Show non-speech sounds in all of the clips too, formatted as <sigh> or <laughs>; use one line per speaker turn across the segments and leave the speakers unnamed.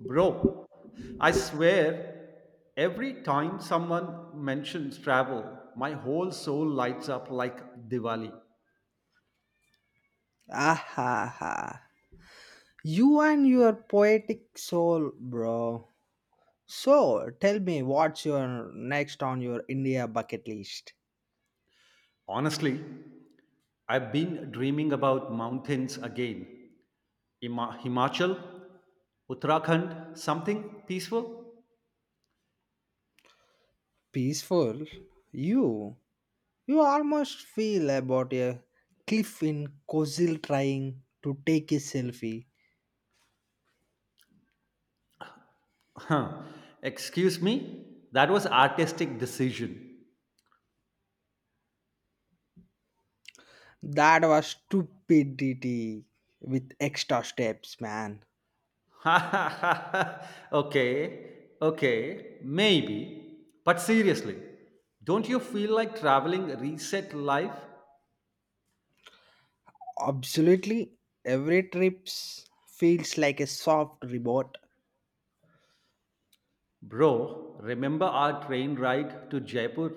Bro, I swear, every time someone mentions travel, my whole soul lights up like Diwali.
Ah ha ha. You and your poetic soul, bro. So, tell me what's your next on your India bucket list?
Honestly, I've been dreaming about mountains again. Himachal, Uttarakhand, something peaceful?
Peaceful? You? You almost feel about a cliff in Kozil trying to take a selfie.
Huh. Excuse me? That was artistic decision.
That was stupidity with extra steps, man.
<laughs> Okay, okay, maybe. But seriously, don't you feel like traveling reset life?
Absolutely, every trip feels like a soft reward.
Bro, remember our train ride to Jaipur?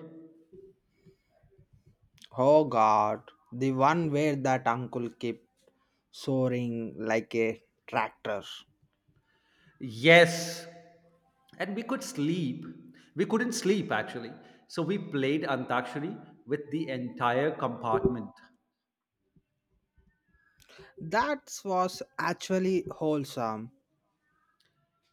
Oh god, the one where that uncle kept soaring like a tractor.
Yes, and we could sleep. We couldn't sleep actually. So we played Antakshari with the entire compartment.
That was actually wholesome.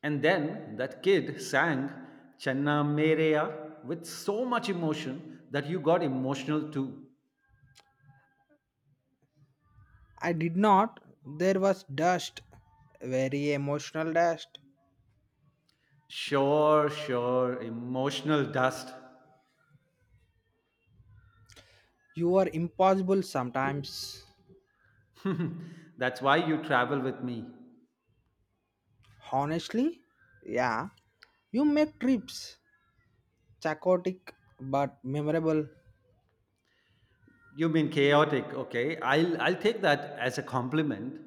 And then that kid sang Channa Mereya with so much emotion that you got emotional too.
I did not. There was dust, very emotional dust.
Sure, sure. Emotional dust.
You are impossible sometimes.
<laughs> That's why you travel with me.
Honestly, yeah. You make trips chaotic but memorable.
You mean chaotic, okay? I'll take that as a compliment.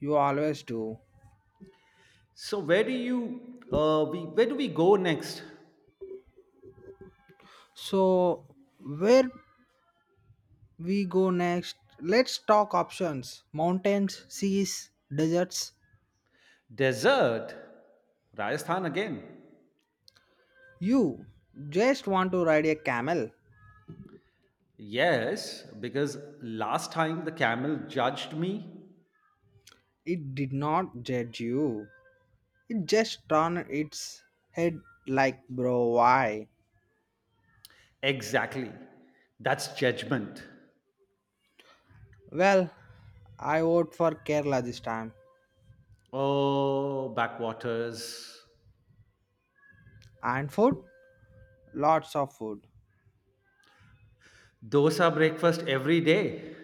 You always do.
So where do you we where do we go next?
So, where we go next. Let's talk options mountains, seas, deserts.
Desert? Rajasthan again.
You just want to ride a camel.
Yes, because last time the camel judged me.
It did not judge you, it just turned its head like, bro, why?
Exactly. That's judgment.
Well, I vote for Kerala this time.
Oh, backwaters.
And food? Lots of food.
Dosa breakfast every day.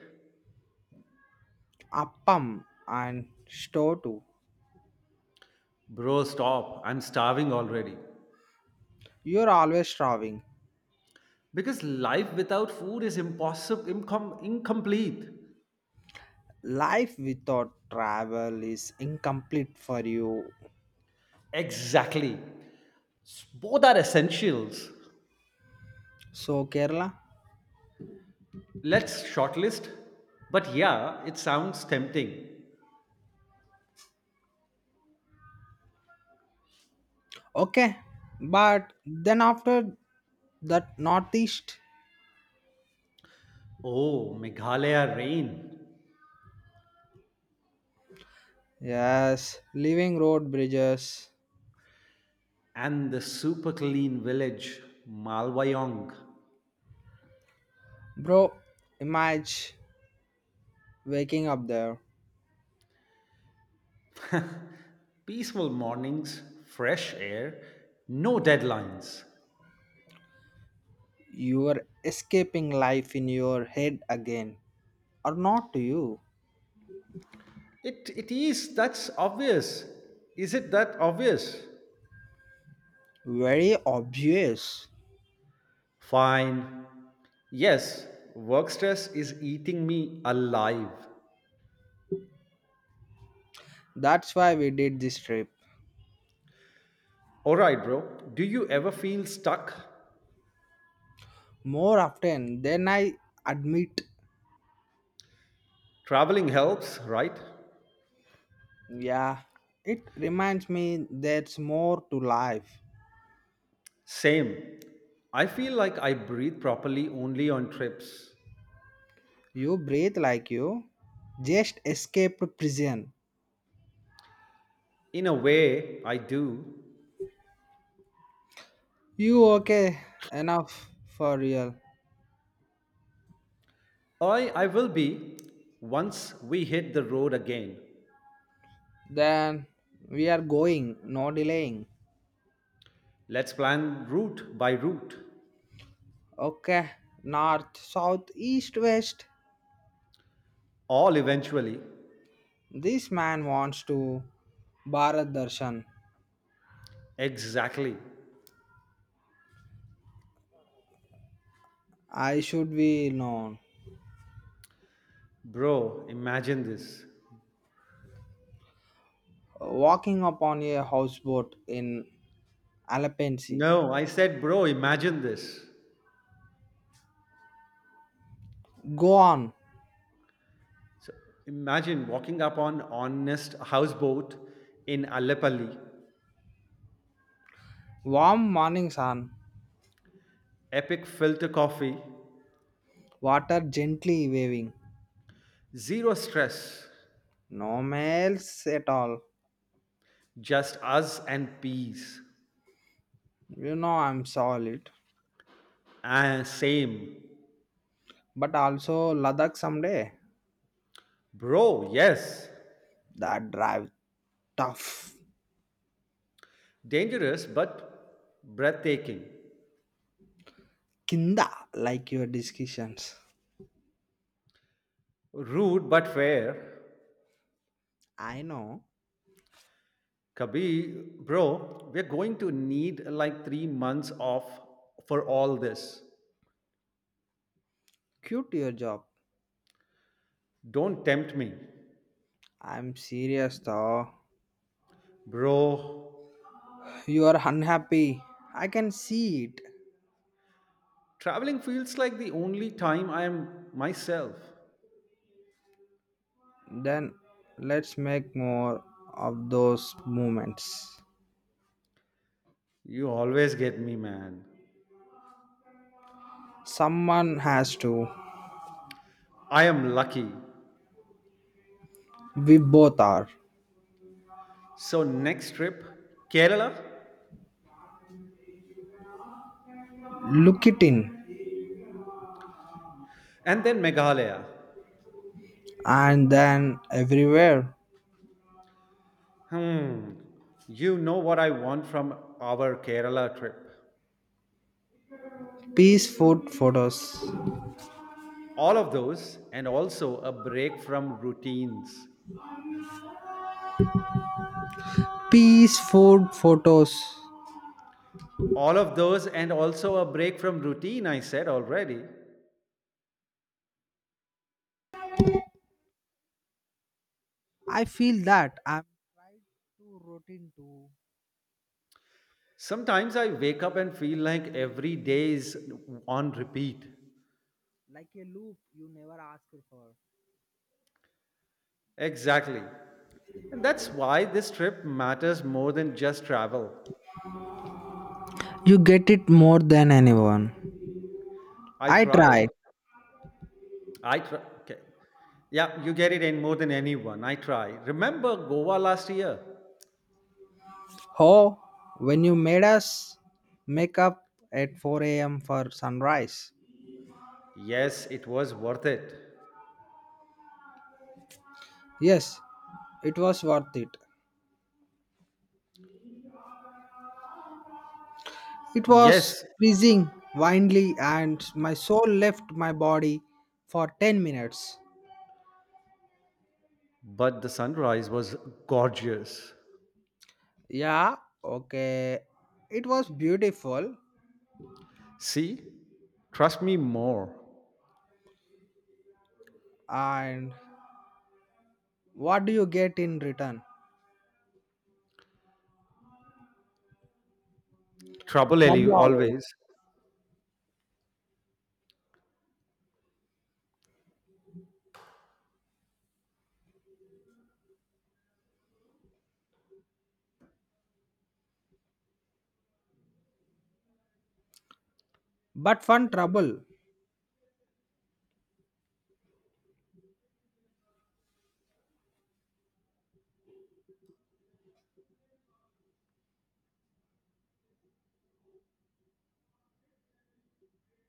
Appam and store too.
Bro, stop. I'm starving already.
You're always traveling.
Because life without food is impossible, incomplete.
Life without travel is incomplete for you.
Exactly. Both are essentials.
So, Kerala?
Let's shortlist. But yeah, it sounds tempting.
Okay, but then after that northeast,
Oh, Meghalaya rain
yes, leaving road bridges,
and the super clean village, Malwayong.
bro. Imagine waking up there.
Peaceful mornings, fresh air, no deadlines.
You are escaping life in your head again, or not to you?
It is, that's obvious. Is it that obvious?
Very obvious.
Fine. Yes, work stress is eating me alive.
That's why we did this trip
Alright, bro. Do you ever feel stuck?
more often than I admit.
Traveling helps, right?
Yeah, it reminds me there's more to life.
Same. I feel like I breathe properly only on trips.
You breathe like you just escaped prison.
In a way, I do.
You okay? Enough for real.
I will be once we hit the road again.
Then we are going, no delaying.
Let's plan route by route.
Okay, north, south, east, west.
All eventually.
This man wants to Bharat Darshan.
Exactly.
I should be known.
Bro, imagine this.
Walking upon a houseboat in Alapensi.
No, I said, bro, imagine this.
Go on.
So imagine walking up on honest houseboat in Alepalli,
Warm morning sun.
epic filter coffee,
Water gently waving.
zero stress,
No males at all.
just us and peace.
You know, I'm solid.
Ah, same.
But also Ladakh someday.
Bro, yes.
That drive tough.
Dangerous but breathtaking.
Kinda like your discussions.
Rude but fair.
I know.
Kabir, bro, we're going to need like 3 months off for all this.
Cute your job.
Don't tempt me.
I'm serious though.
Bro,
You are unhappy. I can see it.
traveling feels like the only time I am myself.
Then let's make more of those moments.
You always get me, man.
Someone has to.
I am lucky.
We both are.
So, next trip, Kerala,
Look it in.
and then Meghalaya.
And then everywhere.
Hmm, you know what I want from our Kerala trip.
Peace food photos.
All of those, and also a break from routines.
Peace, food, photos.
All of those, and also a break from routine, I said already.
I feel that I'm too routine to,
Sometimes I wake up and feel like every day is on repeat.
like a loop you never ask for.
Exactly. And that's why this trip matters more than just travel.
You get it more than anyone.
I
I
try.
try.
I try. Okay. Yeah, you get it in more than anyone. I try. Remember Goa last year?
Oh, when you made us make up at 4 a.m. for sunrise.
Yes, it was worth it.
Yes, it was worth it. It was
Yes,
freezing, windly, and my soul left my body for 10 minutes.
but the sunrise was gorgeous.
Yeah, okay. It was beautiful
See? Trust me more.
and what do you get in return?
Trouble Ellie
Trouble
always.
always. But fun trouble.